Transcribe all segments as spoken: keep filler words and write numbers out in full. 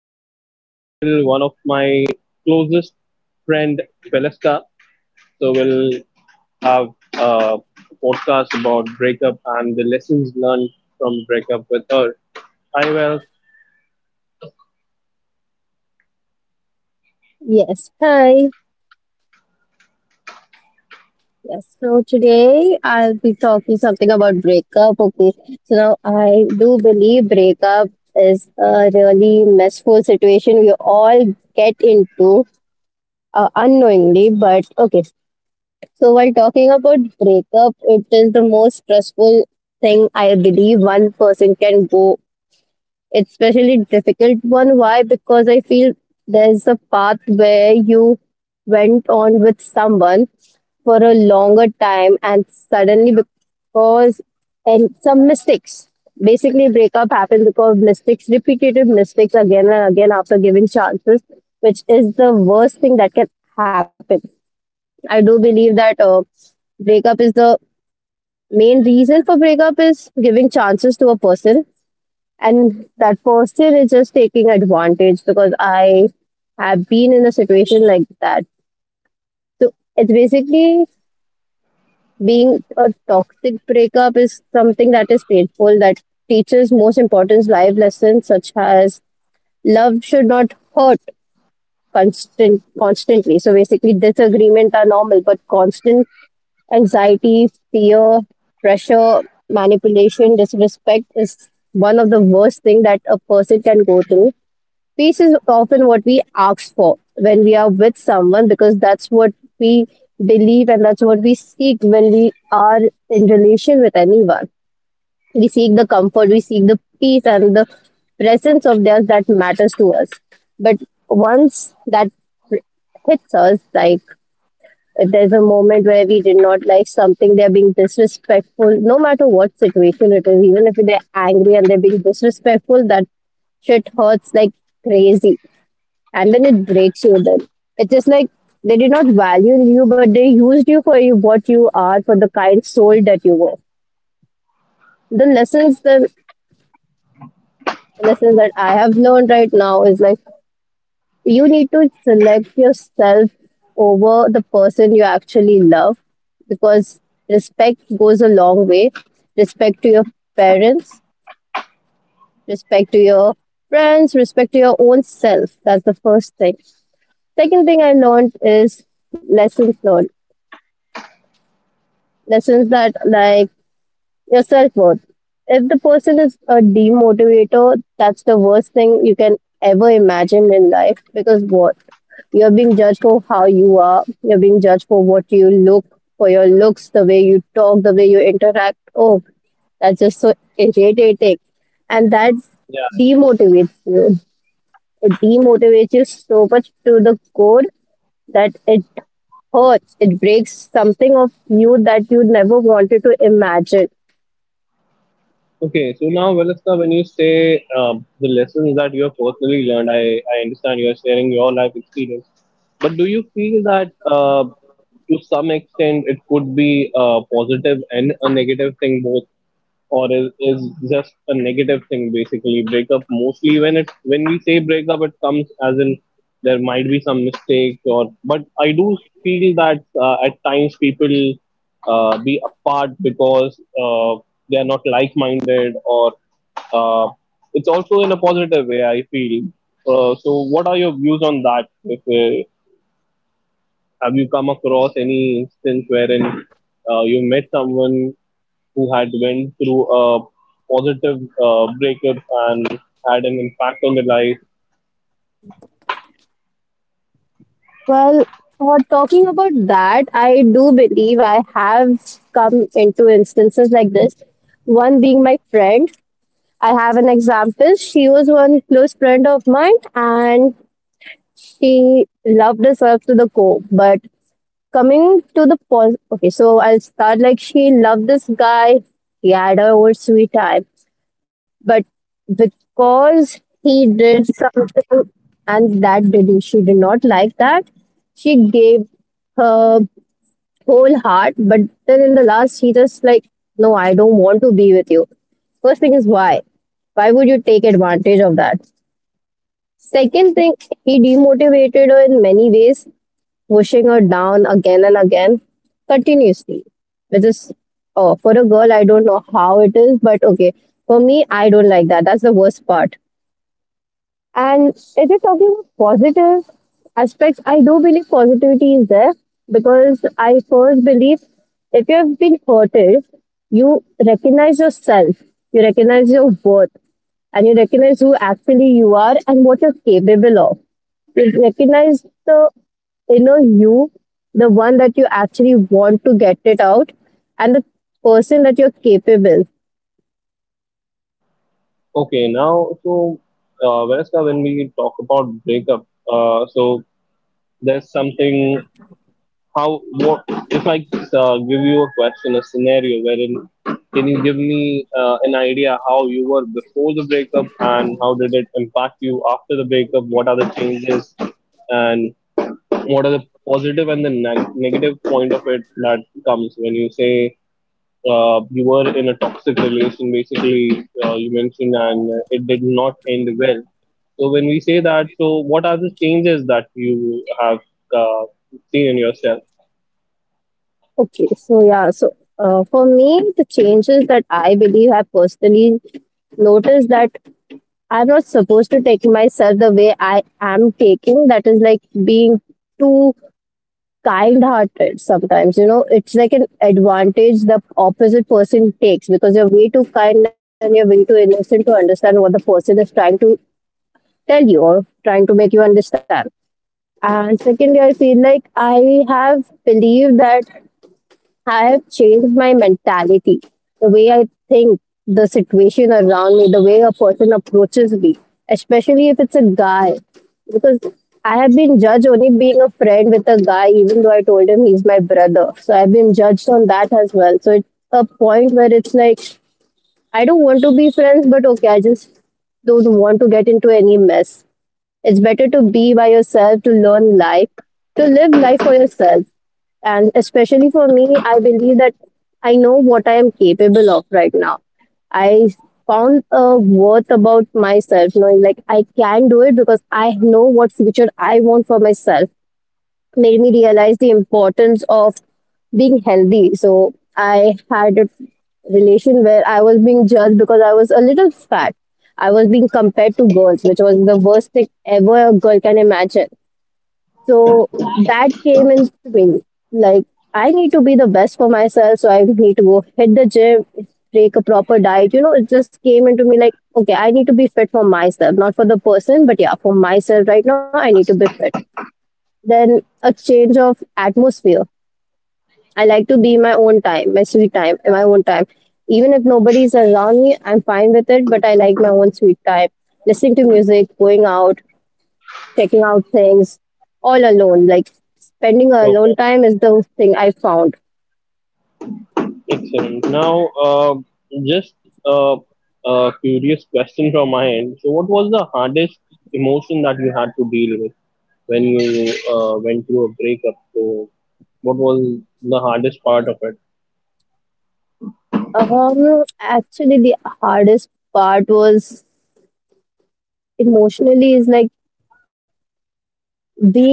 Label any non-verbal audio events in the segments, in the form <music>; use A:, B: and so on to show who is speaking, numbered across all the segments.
A: have on the panel one of my closest friend, Valeska. So we'll have a podcast about breakup and the lessons learned from breakup with her. Hi, Val.
B: Yes, hi. Yes, so today I'll be talking something about breakup. Okay, so now I do believe breakup is a really messful situation we all get into uh, unknowingly. But okay, so while talking about breakup, it is the most stressful thing I believe one person can go. It's especially difficult one. Why? Because I feel there's a path where you went on with someone for a longer time and suddenly because and some mistakes, basically breakup happens because of mistakes, repetitive mistakes again and again after giving chances, which is the worst thing that can happen. I do believe that uh, breakup is the main reason for breakup is giving chances to a person and that person is just taking advantage, because I have been in a situation like that. So it's basically being a toxic breakup is something that is painful, that teaches most important life lessons, such as love should not hurt constant constantly. So basically disagreement are normal, but constant anxiety, fear, pressure, manipulation, disrespect is one of the worst thing that a person can go through. Peace is often what we ask for when we are with someone, because that's what we believe and that's what we seek when we are in relation with anyone. We seek the comfort, we seek the peace and the presence of theirs that matters to us. But once that hits us, like if there's a moment where we did not like something, they're being disrespectful, no matter what situation it is, even if they're angry and they're being disrespectful, that shit hurts like crazy. And then it breaks you. Then it's just like they did not value you, but they used you for you what you are, for the kind soul that you were. The lessons, the lessons that I have learned right now is like you need to select yourself over the person you actually love, because respect goes a long way. Respect to your parents, respect to your friends, respect to your own self. That's the first thing. Second thing I learned is lessons learned, lessons that, like, your self worth. If the person is a demotivator, that's the worst thing you can ever imagine in life. Because what? You're being judged for how you are, you're being judged for what you look, for your looks, the way you talk, the way you interact. Oh, that's just so irritating. And that demotivates you. It demotivates you so much to the core that it hurts. It breaks something of you that you never wanted to imagine.
A: Okay, so now, Velasca, when you say um, the lessons that you have personally learned, I, I understand you are sharing your life experience. But do you feel that uh, to some extent it could be a positive and a negative thing both? Or is, is just a negative thing? Basically breakup, mostly when it when we say breakup it comes as, in there might be some mistakes, or but I do feel that uh, at times people uh, be apart because uh, they are not like minded, or uh, it's also in a positive way I feel. Uh, so what are your views on that? If uh, have you come across any instance wherein uh, you met someone who had went through a positive uh, breakup and had an impact on their life?
B: Well, for talking about that, I do believe I have come into instances like this. One being my friend. I have an example. She was one close friend of mine and she loved herself to the core. But coming to the pos okay, so I'll start like she loved this guy. He had her own sweet time. But because he did something and that did she did not like that, she gave her whole heart, but then in the last, he just like, no, I don't want to be with you. First thing is why? Why would you take advantage of that? Second thing, he demotivated her in many ways, pushing her down again and again, continuously. Which is, oh, for a girl, I don't know how it is, but okay. For me, I don't like that. That's the worst part. And if you're talking about positive aspects, I do believe positivity is there, because I first believe if you have been hurted, you recognize yourself, you recognize your worth, and you recognize who actually you are and what you're capable of. You recognize the inner you, the one that you actually want to get it out, and the person that you're capable.
A: Okay, now so uh, Vereska, when we talk about breakup, uh, so there's something. How, what if I uh, give you a question, a scenario wherein can you give me uh, an idea how you were before the breakup and how did it impact you after the breakup? What are the changes, and what are the positive and the neg- negative point of it that comes when you say uh, you were in a toxic relation, basically, uh, you mentioned, and uh, it did not end well. So, when we say that, so what are the changes that you have uh, seen in yourself?
B: Okay, so yeah, so uh, for me, the changes that I believe have personally noticed that I'm not supposed to take myself the way I am taking. That is like being too kind hearted sometimes. You know, it's like an advantage the opposite person takes because you're way too kind and you're way too innocent to understand what the person is trying to tell you or trying to make you understand. And secondly, I feel like I have believed that I have changed my mentality, the way I think, the situation around me, the way a person approaches me, especially if it's a guy. Because I have been judged only being a friend with a guy, even though I told him he's my brother. So I've been judged on that as well. So it's a point where it's like, I don't want to be friends, but okay, I just don't want get into any mess. It's better to be by yourself, to learn life, to live life for yourself. And especially for me, I believe that I know what I am capable of right now. I found a worth about myself, knowing like I can do it, because I know what future I want for myself made me realize the importance of being healthy. So I had a relation where I was being judged because I was a little fat. I was being compared to girls, which was the worst thing ever a girl can imagine. So that came in swing. Like I need to be the best for myself, so I need to go hit the gym, take a proper diet. You know, it just came into me like, okay, I need to be fit for myself, not for the person, but yeah, for myself right now, I need to be fit. Then a change of atmosphere. I like to be my own time, my sweet time, my own time. Even if nobody's around me, I'm fine with it, but I like my own sweet time. Listening to music, going out, checking out things, all alone. Like spending alone
A: Okay,
B: time is the thing I found.
A: excellent. Now, uh, just a, a curious question from my end. So, what was the hardest emotion that you had to deal with when you uh, went through a breakup? So, what was the hardest part of it?
B: Um, actually, the hardest part was emotionally is like being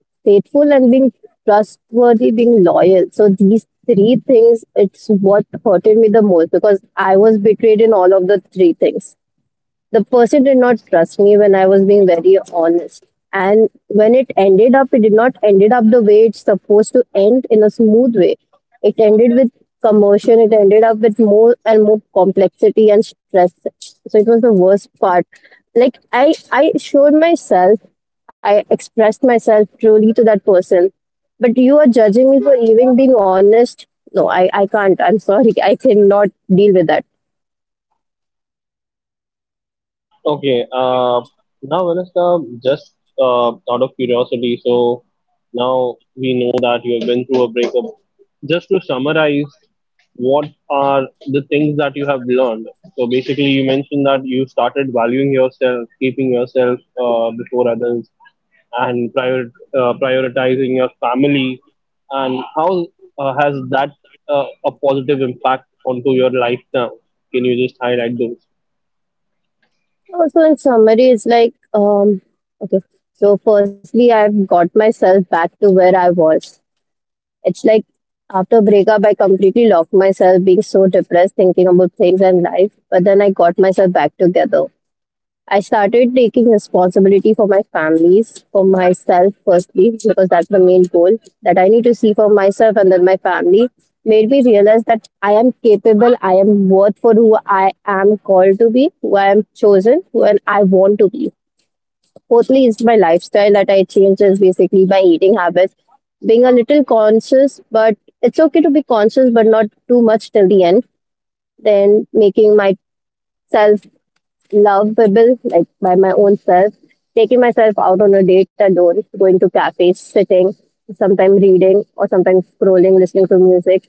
B: faithful and being trustworthy, being loyal. So these three things, it's what hurted me the most because I was betrayed in all of the three things. The person did not trust me when I was being very honest. And when it ended up, it did not ended up the way it's supposed to end in a smooth way. It ended with commotion. It ended up with more and more complexity and stress. So it was the worst part. Like i i showed myself, I expressed myself truly to that person, but you are judging me for even being honest. No, i i can't. I'm sorry, I cannot deal with that.
A: Okay, uh, Now, Vanessa, just uh, out of curiosity, so now we know that you have been through a breakup. Just to summarize, what are the things that you have learned? So basically, you mentioned that you started valuing yourself, keeping yourself uh, before others, and prior, uh, prioritizing your family. And how uh, has that uh, a positive impact onto your life now? Can you just highlight those?
B: Also, in summary, it's like, um, okay, so firstly, I've got myself back to where I was. It's like after breakup, I completely locked myself, being so depressed, thinking about things and life. But then I got myself back together. I started taking responsibility for my families, for myself firstly, because that's the main goal that I need to see for myself and then my family. Made me realize that I am capable, I am worth for who I am called to be, who I am chosen, who and I want to be. Fourthly, is my lifestyle that I changed is basically my eating habits, being a little conscious, but it's okay to be conscious, but not too much till the end. Then making myself lovable, like by my own self, taking myself out on a date alone, going to cafes, sitting, sometimes reading, or sometimes scrolling, listening to music,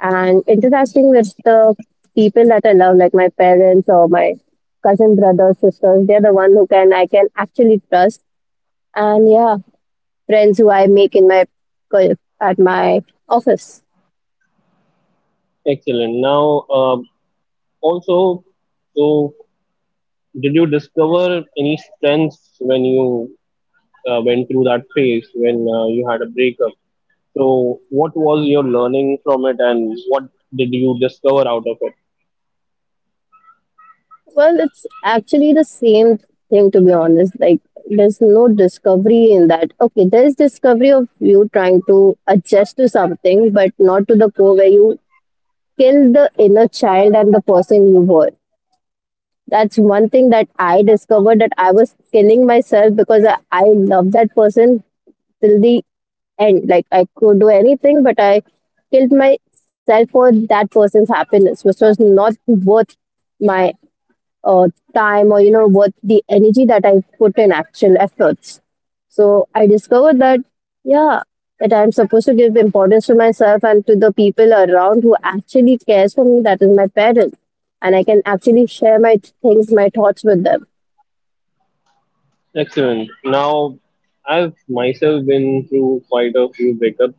B: and interacting with the people that I love, like my parents or my cousin brothers, sisters. They're the one who can I can actually trust, and yeah, friends who I make in my co- at my office.
A: Excellent. Now, uh, Also, so did you discover any strengths when you uh, went through that phase when uh, you had a breakup? So, what was your learning from it, and what did you discover out of it?
B: Well, it's actually the same thing, to be honest. Like there's no discovery in that. Okay, there is discovery of you trying to adjust to something, but not to the core where you kill the inner child and the person you were. That's one thing that I discovered, that I was killing myself because I, I love that person till the end. Like I could do anything, but I killed myself for that person's happiness, which was not worth my uh, time or you know what the energy that I put in actual efforts. So I discovered that, yeah, that I'm supposed to give importance to myself and to the people around who actually cares for me. That is my parents, and I can actually share my things, my thoughts with them.
A: Excellent. Now, I've myself been through quite a few breakups.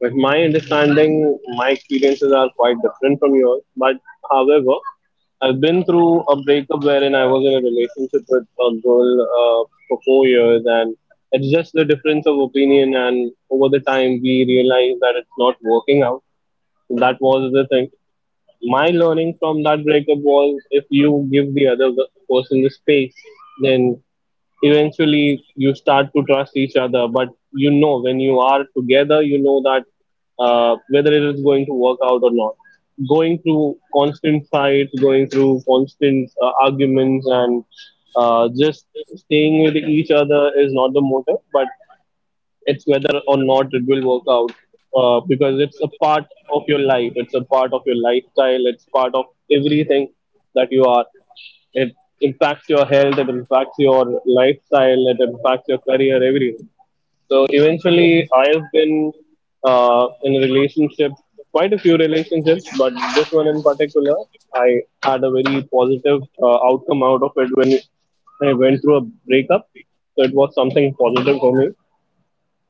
A: But my understanding, my experiences are quite different from yours. But however, I've been through a breakup wherein I was in a relationship with a girl uh, for four years, and it's just the difference of opinion. And over the time, we realized that it's not working out. So that was the thing. My learning from that breakup was, if you give the other person the space, then eventually you start to trust each other. But you know when you are together, you know that uh, whether it is going to work out or not. Going through constant fights, going through constant uh, arguments, and uh, just staying with each other is not the motive, but it's whether or not it will work out, uh, because it's a part of your life, it's a part of your lifestyle, it's part of everything that you are. It impacts your health, it impacts your lifestyle, it impacts your career, everything. So eventually, I have been uh, in a relationship, quite a few relationships, but this one in particular, I had a very positive uh, outcome out of it when I went through a breakup. So it was something positive for me.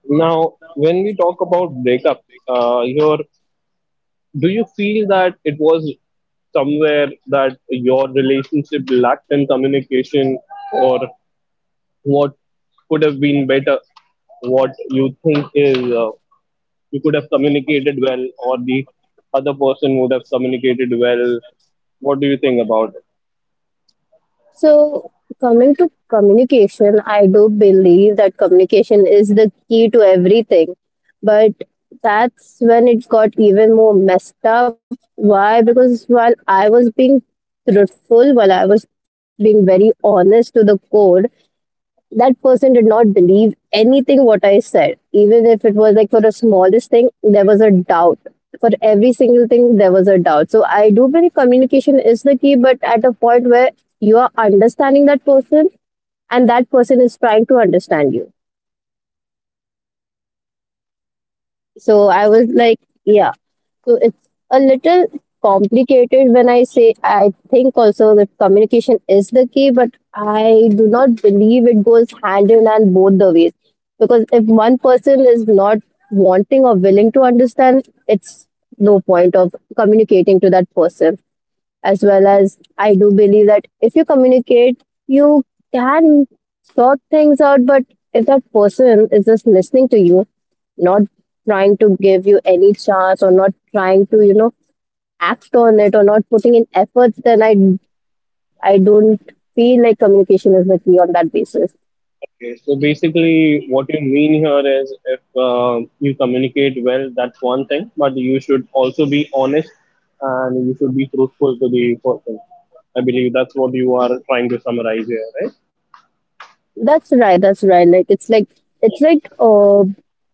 A: Now, when we talk about breakups, uh, your do you feel that it was somewhere that your relationship lacked in communication, or what could have been better? What you think is, uh, you could have communicated well, or the other person would have communicated well? What do you think about?
B: So, coming to communication, I do believe that communication is the key to everything. But that's when it got even more messed up. Why? Because while I was being truthful, while I was being very honest to the core, that person did not believe anything what I said. Even if it was like for the smallest thing, there was a doubt. For every single thing, there was a doubt. So I do believe communication is the key, but at a point where you are understanding that person and that person is trying to understand you. So I was like, yeah. So it's a little complicated when I say I think also that communication is the key, but I do not believe it goes hand in hand both the ways. Because if one person is not wanting or willing to understand, it's no point of communicating to that person. As well as I do believe that if you communicate, you can sort things out, but if that person is just listening to you, not trying to give you any chance or not trying to you know act on it or not putting in efforts, then i i don't feel like communication is with me on that basis.
A: Okay, so basically, what you mean here is if uh, you communicate well, that's one thing, but you should also be honest and you should be truthful to the person. I believe that's what you are trying to summarize here, right?
B: That's right, that's right. Like it's like it's like uh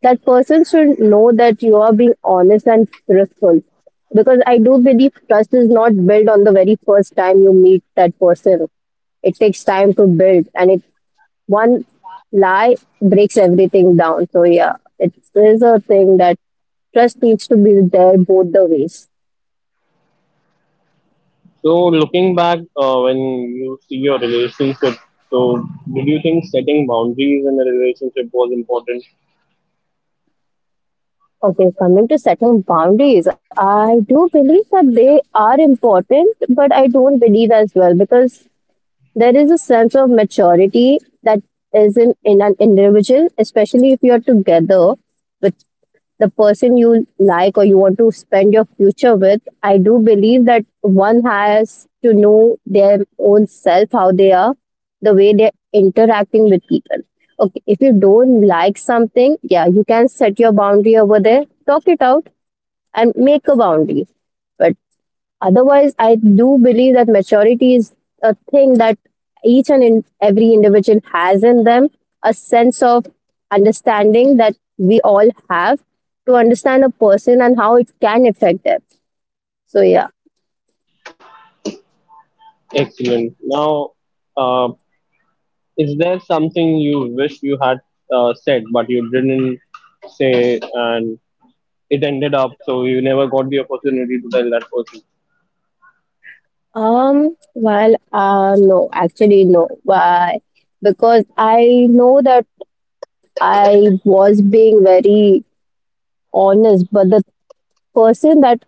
B: that person should know that you are being honest and truthful, because I do believe trust is not built on the very first time you meet that person. It takes time to build, and it, one lie, breaks everything down. So yeah, it is a thing that trust needs to be there both the ways.
A: So, looking back, uh, when you see your relationship, so did you think setting boundaries in a relationship was important?
B: Okay, coming to setting boundaries, I do believe that they are important, but I don't believe as well, because there is a sense of maturity that is in, in an individual, especially if you're together with the person you like or you want to spend your future with. I do believe that one has to know their own self, how they are, the way they're interacting with people. Okay, if you don't like something, yeah, you can set your boundary over there, talk it out, and make a boundary. But otherwise, I do believe that maturity is a thing that each and in every individual has in them, a sense of understanding that we all have to understand a person and how it can affect them. So, yeah.
A: Excellent. Now, uh, is there something you wish you had uh, said but you didn't say, and it ended up so you never got the opportunity to tell that person?
B: Um, well, uh, no, actually, no. Why? Because I know that I was being very honest, but the person that,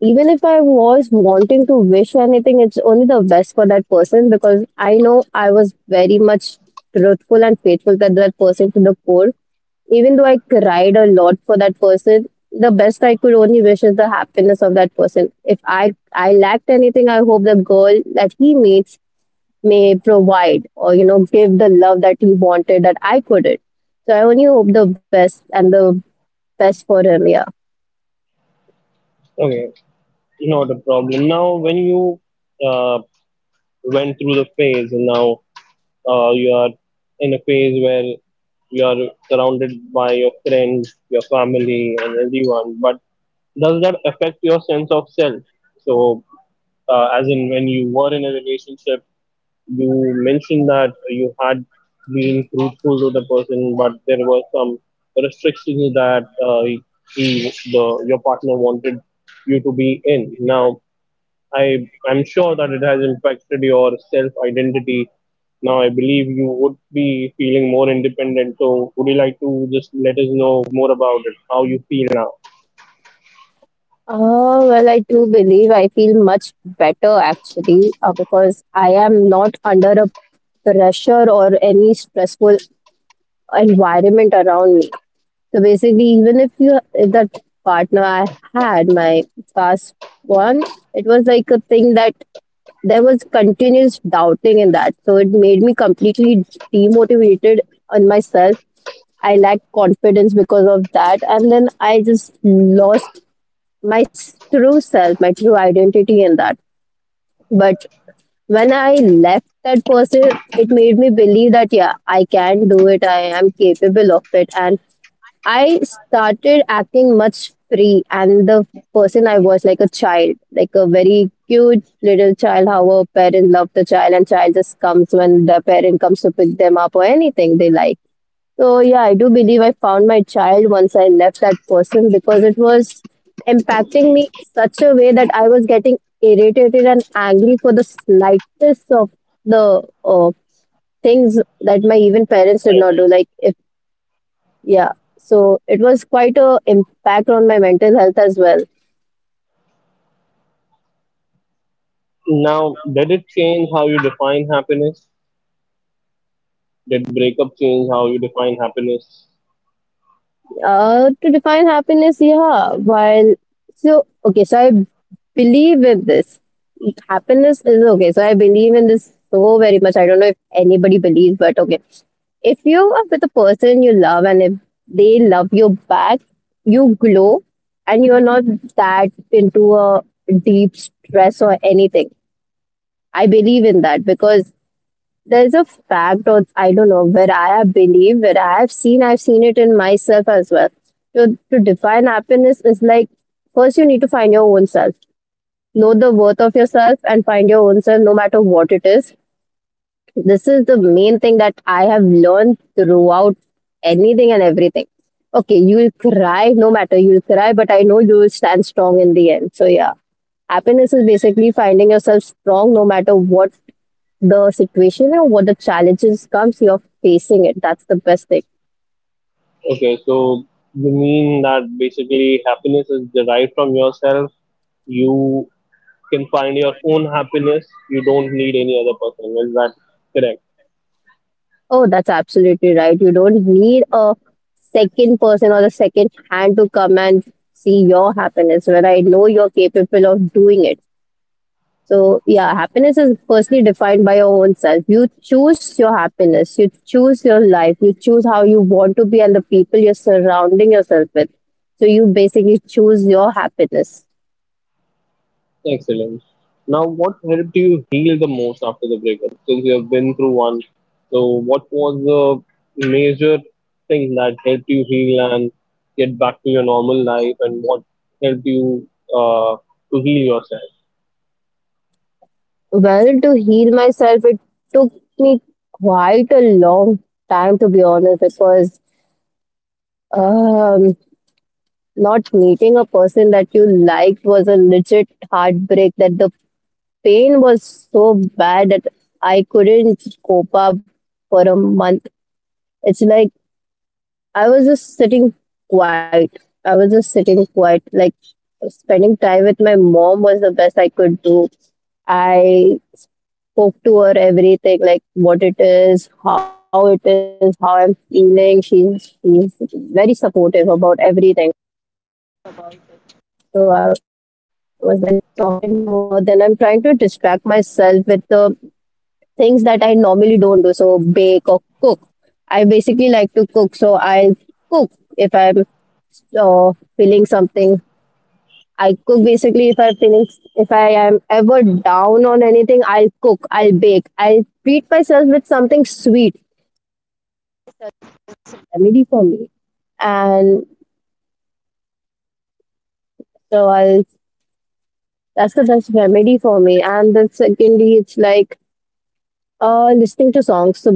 B: even if I was wanting to wish anything, it's only the best for that person, because I know I was very much truthful and faithful to that person to the core. Even though I cried a lot for that person, the best I could only wish is the happiness of that person. If I I lacked anything, I hope the girl that he meets may provide or you know give the love that he wanted that I couldn't. So I only hope the best and the best for him. Yeah.
A: Okay, not a problem. Now, when you uh, went through the phase, and now uh, you are in a phase where you are surrounded by your friends, your family, and everyone, but does that affect your sense of self? So uh, as in when you were in a relationship, you mentioned that you had been truthful to the person, but there were some restrictions that uh, he, the your partner wanted you to be in. Now, I I'm sure that it has impacted your self identity. Now, I believe you would be feeling more independent. So, would you like to just let us know more about it? How you feel now?
B: Uh, well, I do believe I feel much better actually, uh, because I am not under a pressure or any stressful environment around me. So basically, even if you, if that partner I had, my past one, it was like a thing that there was continuous doubting in that. So it made me completely demotivated on myself. I lacked confidence because of that, and then I just lost my s- true self, my true identity in that. But when I left that person, it made me believe that, yeah, I can do it, I am capable of it. And I started acting much free. And the person I was, like a child, like a very cute little child, how a parent loved the child, and child just comes when the parent comes to pick them up or anything they like. So yeah, I do believe I found my child once I left that person, because it was impacting me such a way that I was getting irritated and angry for the slightest of the uh, things that my even parents did
A: Right.
B: not do. Like if, yeah, so it was quite a impact on my mental health as well.
A: Now, did it change how you define happiness? Did breakup change how you define happiness?
B: Uh, to define happiness, yeah. While, so okay, so I believe in this. Happiness is okay. So I believe in this so very much. I don't know if anybody believes, but okay. If you are with a person you love and if they love you back, you glow and you're not that into a deep stress or anything. I believe in that because there's a fact, or I don't know where I have believe, where I have seen, I've seen it in myself as well. To to define happiness is like, first you need to find your own self. Know the worth of yourself and find your own self no matter what it is. This is the main thing that I have learned throughout anything and everything. Okay, you'll cry, no matter you'll cry, but I know you'll stand strong in the end. So yeah. Happiness is basically finding yourself strong no matter what the situation and what the challenges comes, you're facing it. That's the best thing.
A: Okay, so you mean that basically happiness is derived from yourself. You can find your own happiness. You don't need any other person. Is that correct?
B: Oh, that's absolutely right. You don't need a second person or the second hand to come and see your happiness when I know you're capable of doing it. So yeah, happiness is personally defined by your own self. You choose your happiness, you choose your life, you choose how you want to be and the people you're surrounding yourself with. So you basically choose your happiness.
A: Excellent. Now, what helped you heal the most after the breakup? Since you have been through one, so what was the major thing that helped you heal and get back to your normal life, and what helped you uh, to heal yourself?
B: Well, to heal myself, it took me quite a long time, to be honest, because um, not meeting a person that you liked was a legit heartbreak. That the pain was so bad that I couldn't cope up for a month. It's like I was just sitting quiet. I was just sitting quiet. Like spending time with my mom was the best I could do. I spoke to her everything, like what it is, how it is, how I'm feeling. She's she's very supportive about, that's the best remedy for me. And then secondly, it's like uh listening to songs. So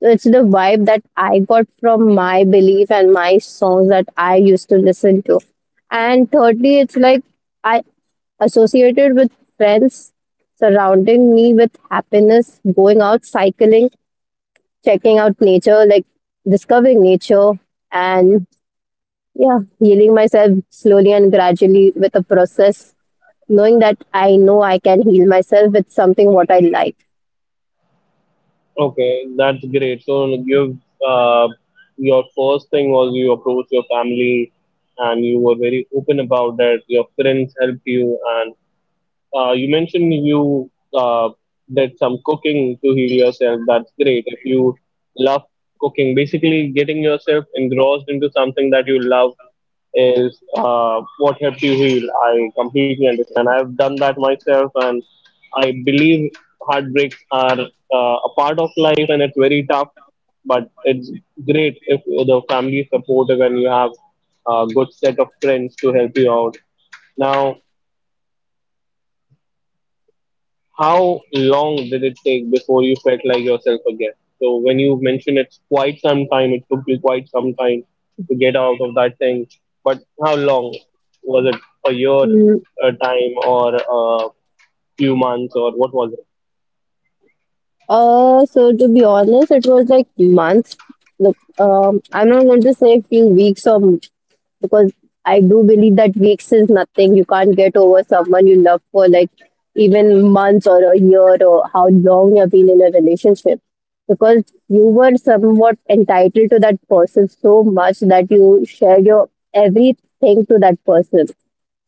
B: it's the vibe that I got from my belief and my songs that I used to listen to. And thirdly, it's like I associated with friends, surrounding me with happiness, going out, cycling, checking out nature, like discovering nature, and yeah, healing myself slowly and gradually with a process, knowing that I know I can heal myself with something what I like.
A: Okay, that's great. So you've uh, your first thing was, you approached your family, and you were very open about that. Your friends helped you, and uh, you mentioned you uh, did some cooking to heal yourself. That's great. If you love cooking, basically getting yourself engrossed into something that you love is uh, what helped you heal. I completely understand. I've done that myself, and I believe heartbreaks are uh, a part of life, and it's very tough. But it's great if the family is supportive and you have a good set of friends to help you out. Now, how long did it take before you felt like yourself again? So when you mention it's quite some time, it took you quite some time to get out of that thing. But how long was it? A year,
B: Mm.
A: a time, or a few months, or what was it?
B: Uh, so to be honest, it was like months. Look, um, I'm not going to say a few weeks or m- because I do believe that weeks is nothing. You can't get over someone you love for like even months or a year or how long you've been in a relationship, because you were somewhat entitled to that person so much that you shared your everything to that person.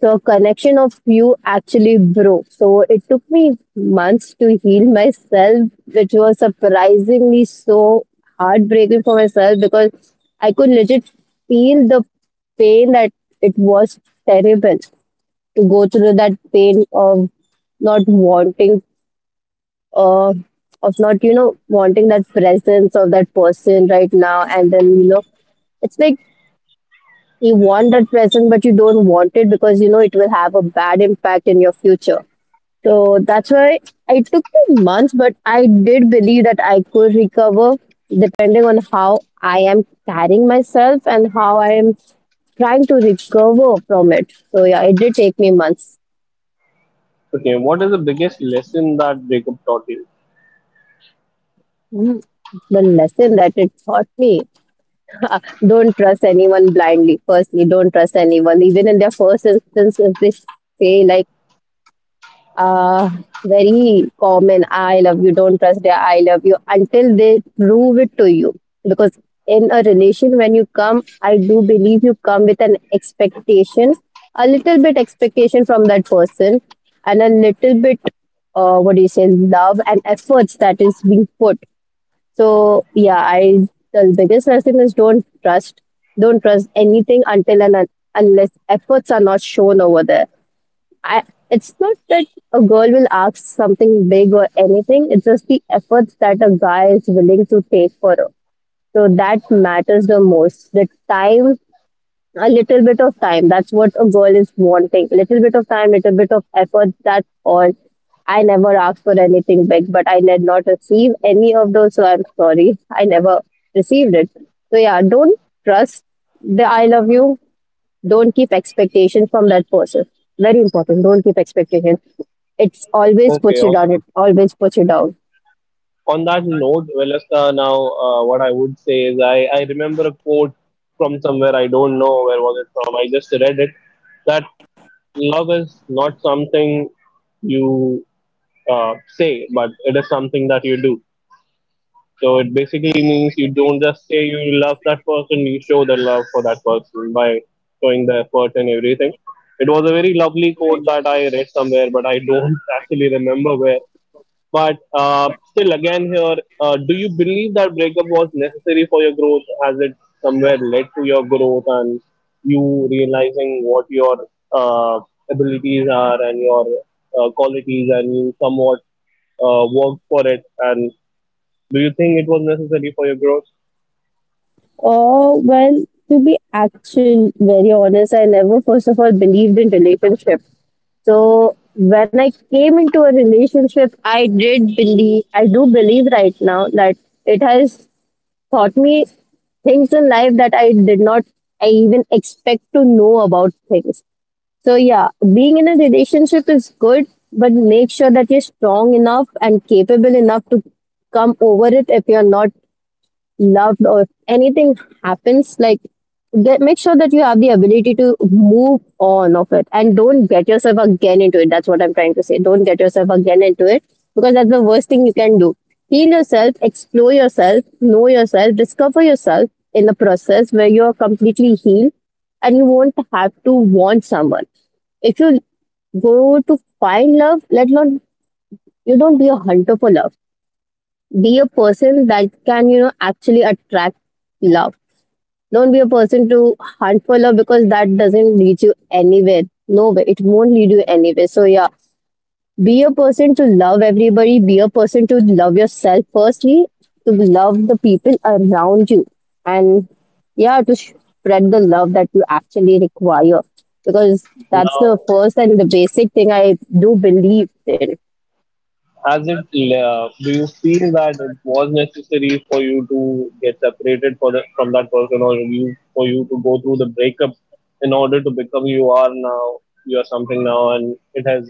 B: The connection of you actually broke. So it took me months to heal myself, which was surprisingly so heartbreaking for myself, because I could legit feel the pain that it was terrible to go through that pain of not wanting, uh of not you know wanting that presence of that person right now. And then, you know, it's like you want that present but you don't want it because you know it will have a bad impact in your future. So that's why it took me months, but I did believe that I could recover depending on how I am carrying myself and how I am trying to recover from it. So yeah, it did take me months.
A: Okay, what is the biggest lesson that breakup taught you?
B: Mm. The lesson that it taught me, <laughs> don't trust anyone blindly. Firstly, don't trust anyone, even in their first instance, if they say, like, uh, very common, I love you. Don't trust their I love you until they prove it to you, because in a relation when you come, I do believe you come with an expectation, a little bit expectation from that person, and a little bit, uh, what do you say, love and efforts that is being put. So yeah, I the biggest lesson is don't trust, don't trust anything until and un- unless efforts are not shown over there. I, it's not that a girl will ask something big or anything. It's just the efforts that a guy is willing to take for her. So that matters the most. The time, a little bit of time. That's what a girl is wanting. Little bit of time, little bit of effort. That's all. I never asked for anything big, but I did not receive any of those. So I'm sorry. I never received it. So yeah, don't trust the I love you. Don't keep expectation from that person. Very important. Don't keep expectation. It's always
A: Okay,
B: puts you
A: on,
B: down. It always puts you down.
A: on that note, Velasca, now uh, what I would say is, I, I remember a quote from somewhere, I don't know where was it from, I just read it, that love is not something you uh, say, but it is something that you do. So it basically means you don't just say you love that person, you show the love for that person by showing the effort and everything. It was a very
B: Very
A: lovely quote
B: lovely
A: that
B: quote
A: I
B: that
A: read
B: I read.
A: somewhere, but I don't <laughs> actually remember where. But uh, still, again, here, uh, do you believe that breakup was necessary for your growth? Has it somewhere led to your growth and you realizing what your uh, abilities are and your uh, qualities, and you somewhat uh, worked for it? And do you think it was necessary for your growth?
B: Oh, well, to be actually very honest, I never, first of all, believed in relationship. So when I came into a relationship, I did believe, I do believe right now that it has taught me things in life that I did not, I even expect to know about things. So yeah, being in a relationship is good, but make sure that you're strong enough and capable enough to come over it if you're not loved or if anything happens, like get make sure that you have the ability to move on of it and don't get yourself again into it. That's what I'm trying to say, don't get yourself again into it, because that's the worst thing you can do. Heal yourself, explore yourself, know yourself, discover yourself in the process where you're completely healed, and you won't have to want someone. If you go to find love, let not you don't be a hunter for love. Be a person that can, you know, actually attract love. Don't be a person to hunt for love, because that doesn't lead you anywhere. Nowhere. It won't lead you anywhere. So yeah, be a person to love everybody. Be a person to love yourself firstly, to love the people around you, and yeah, to spread the love that you actually require, because that's the
A: Now,
B: first and the basic thing I do believe in.
A: has it uh, do you feel that it was necessary for you to get separated for the, from that person, or you for you to go through the breakup in order to become who you are now? You are something now, and it has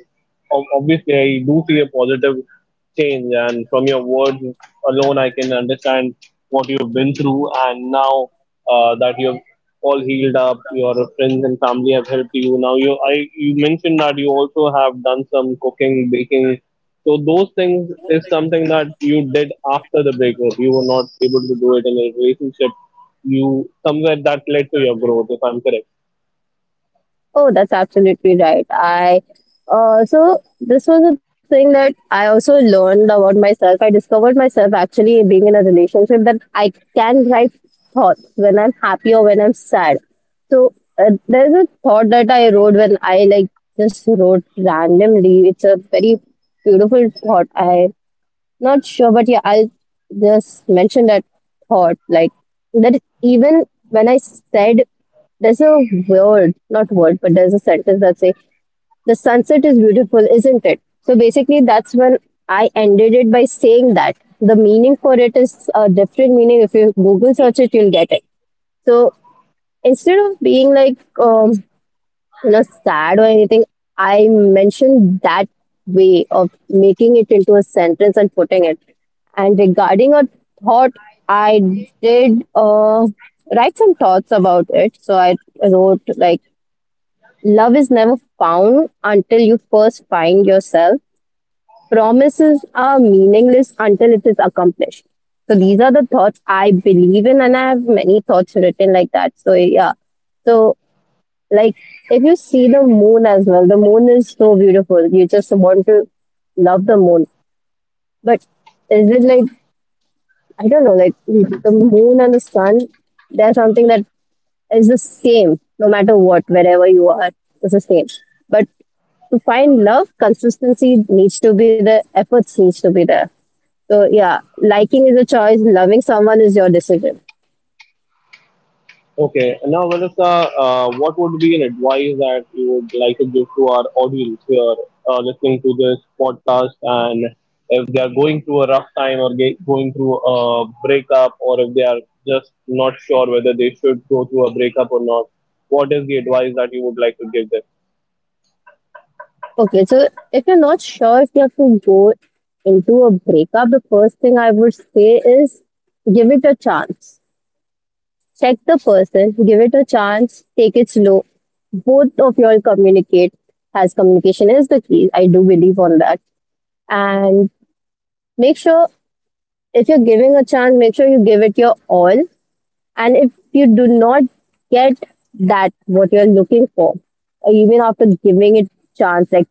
A: ob- obviously, I do see a positive change, and from your words alone, I can understand what you've been through. And now uh, that you've all healed up, your friends and family have helped you now, you I you mentioned that you also have done some cooking, baking. So those things is something that you did after the breakup. You were not able to do it in a relationship. You somewhere that led to your growth, if I'm correct.
B: Oh, that's absolutely right. I uh, so this was a thing that I also learned about myself. I discovered myself, actually being in a relationship, that I can write thoughts when I'm happy or when I'm sad. So uh, there's a thought that I wrote when I, like, just wrote randomly. It's a very beautiful thought. I not sure, but yeah, I'll just mention that thought like that. Even when I said there's a word, not word, but there's a sentence that say, "The sunset is beautiful, isn't it?" So basically, that's when I ended it by saying that the meaning for it is a different meaning. If you Google search it, you'll get it. So instead of being like um, you know, sad or anything, I mentioned that way of making it into a sentence and putting it. And regarding a thought, I did uh, write some thoughts about it. So I wrote like, love is never found until you first find yourself. Promises are meaningless until it is accomplished. So these are the thoughts I believe in, and I have many thoughts written like that. So yeah. So like, if you see the moon as well, the moon is so beautiful. You just want to love the moon. But is it like, I don't know, like the moon and the sun, there's something that is the same no matter what, wherever you are, it's the same. But to find love, consistency needs to be there, efforts needs to be there. So yeah, liking is a choice, loving someone is your decision.
A: Okay. And now, Vanessa, uh, what would be an advice that you would like to give to our audience here uh, listening to this podcast? And if they are going through a rough time, or ge- going through a breakup, or if they are just not sure whether they should go through a breakup or not, what is the advice that you would like to give them?
B: Okay, so if you're not sure if you have to go into a breakup, the first thing I would say is give it a chance. Check the person, give it a chance, take it slow. Both of y'all communicate, as communication is the key. I do believe on that. And make sure, if you're giving a chance, make sure you give it your all. And if you do not get that, what you're looking for, even after giving it chance like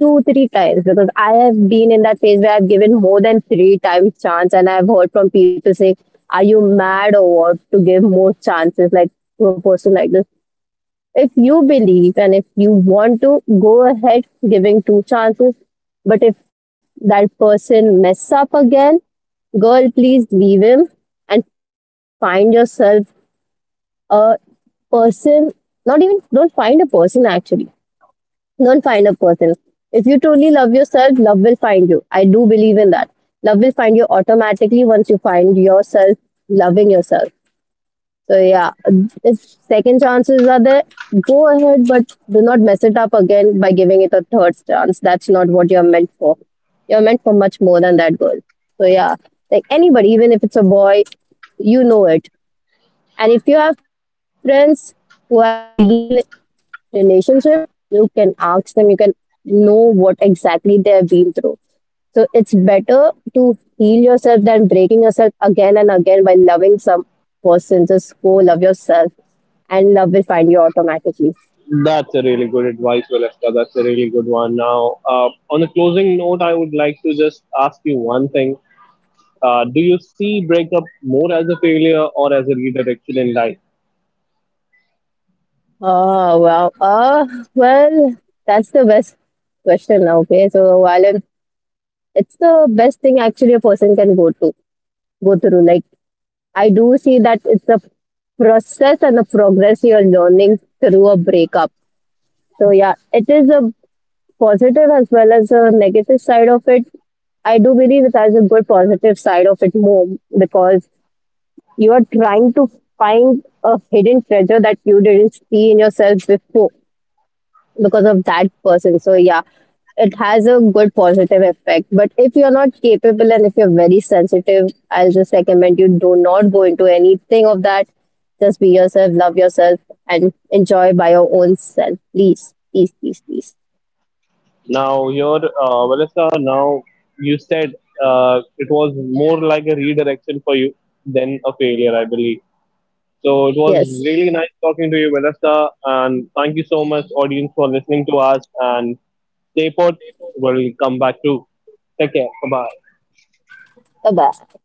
B: two, three times, because I have been in that phase where I've given more than three times chance, and I've heard from people saying, are you mad or what, to give more chances like to a person like this? If you believe and if you want to go ahead giving two chances, but if that person mess up again, girl, please leave him and find yourself a person. Not Don't find a person, actually. Don't find a person. If you truly love yourself, love will find you. I do believe in that. Love will find you automatically once you find yourself loving yourself. So yeah, if second chances are there, go ahead, but do not mess it up again by giving it a third chance. That's not what you're meant for. You're meant for much more than that, girl. So yeah, like anybody, even if it's a boy, you know it. And if you have friends who have been in relationship, you can ask them, you can know what exactly they have been through. So it's better to heal yourself than breaking yourself again and again by loving some person. Just go love yourself, and love will find you automatically.
A: That's a really good advice, Valeska. That's a really good one. Now, uh, on a closing note, I would like to just ask you one thing. Uh, do you see breakup more as a failure or as a redirection in life?
B: Oh, wow. Oh, well, that's the best question. Okay. So Alan, it's the best thing actually a person can go to go through. Like, I do see that it's a process and a progress, you're learning through a breakup. So yeah, it is a positive as well as a negative side of it. I do believe it has a good positive side of it more, because you are trying to find a hidden treasure that you didn't see in yourself before because of that person. So yeah, it has a good positive effect. But if you're not capable and if you're very sensitive, I'll just recommend you do not go into anything of that. Just be yourself, love yourself, and enjoy by your own self. Please, please, please, please.
A: Now, your uh, Valeska, now you said uh, it was more like a redirection for you than a failure, I believe. So it was
B: Yes.
A: really nice talking to you, Valeska, and thank you so much, audience, for listening to us. And stay put. We'll come back to. Take care. Bye bye.
B: Bye bye.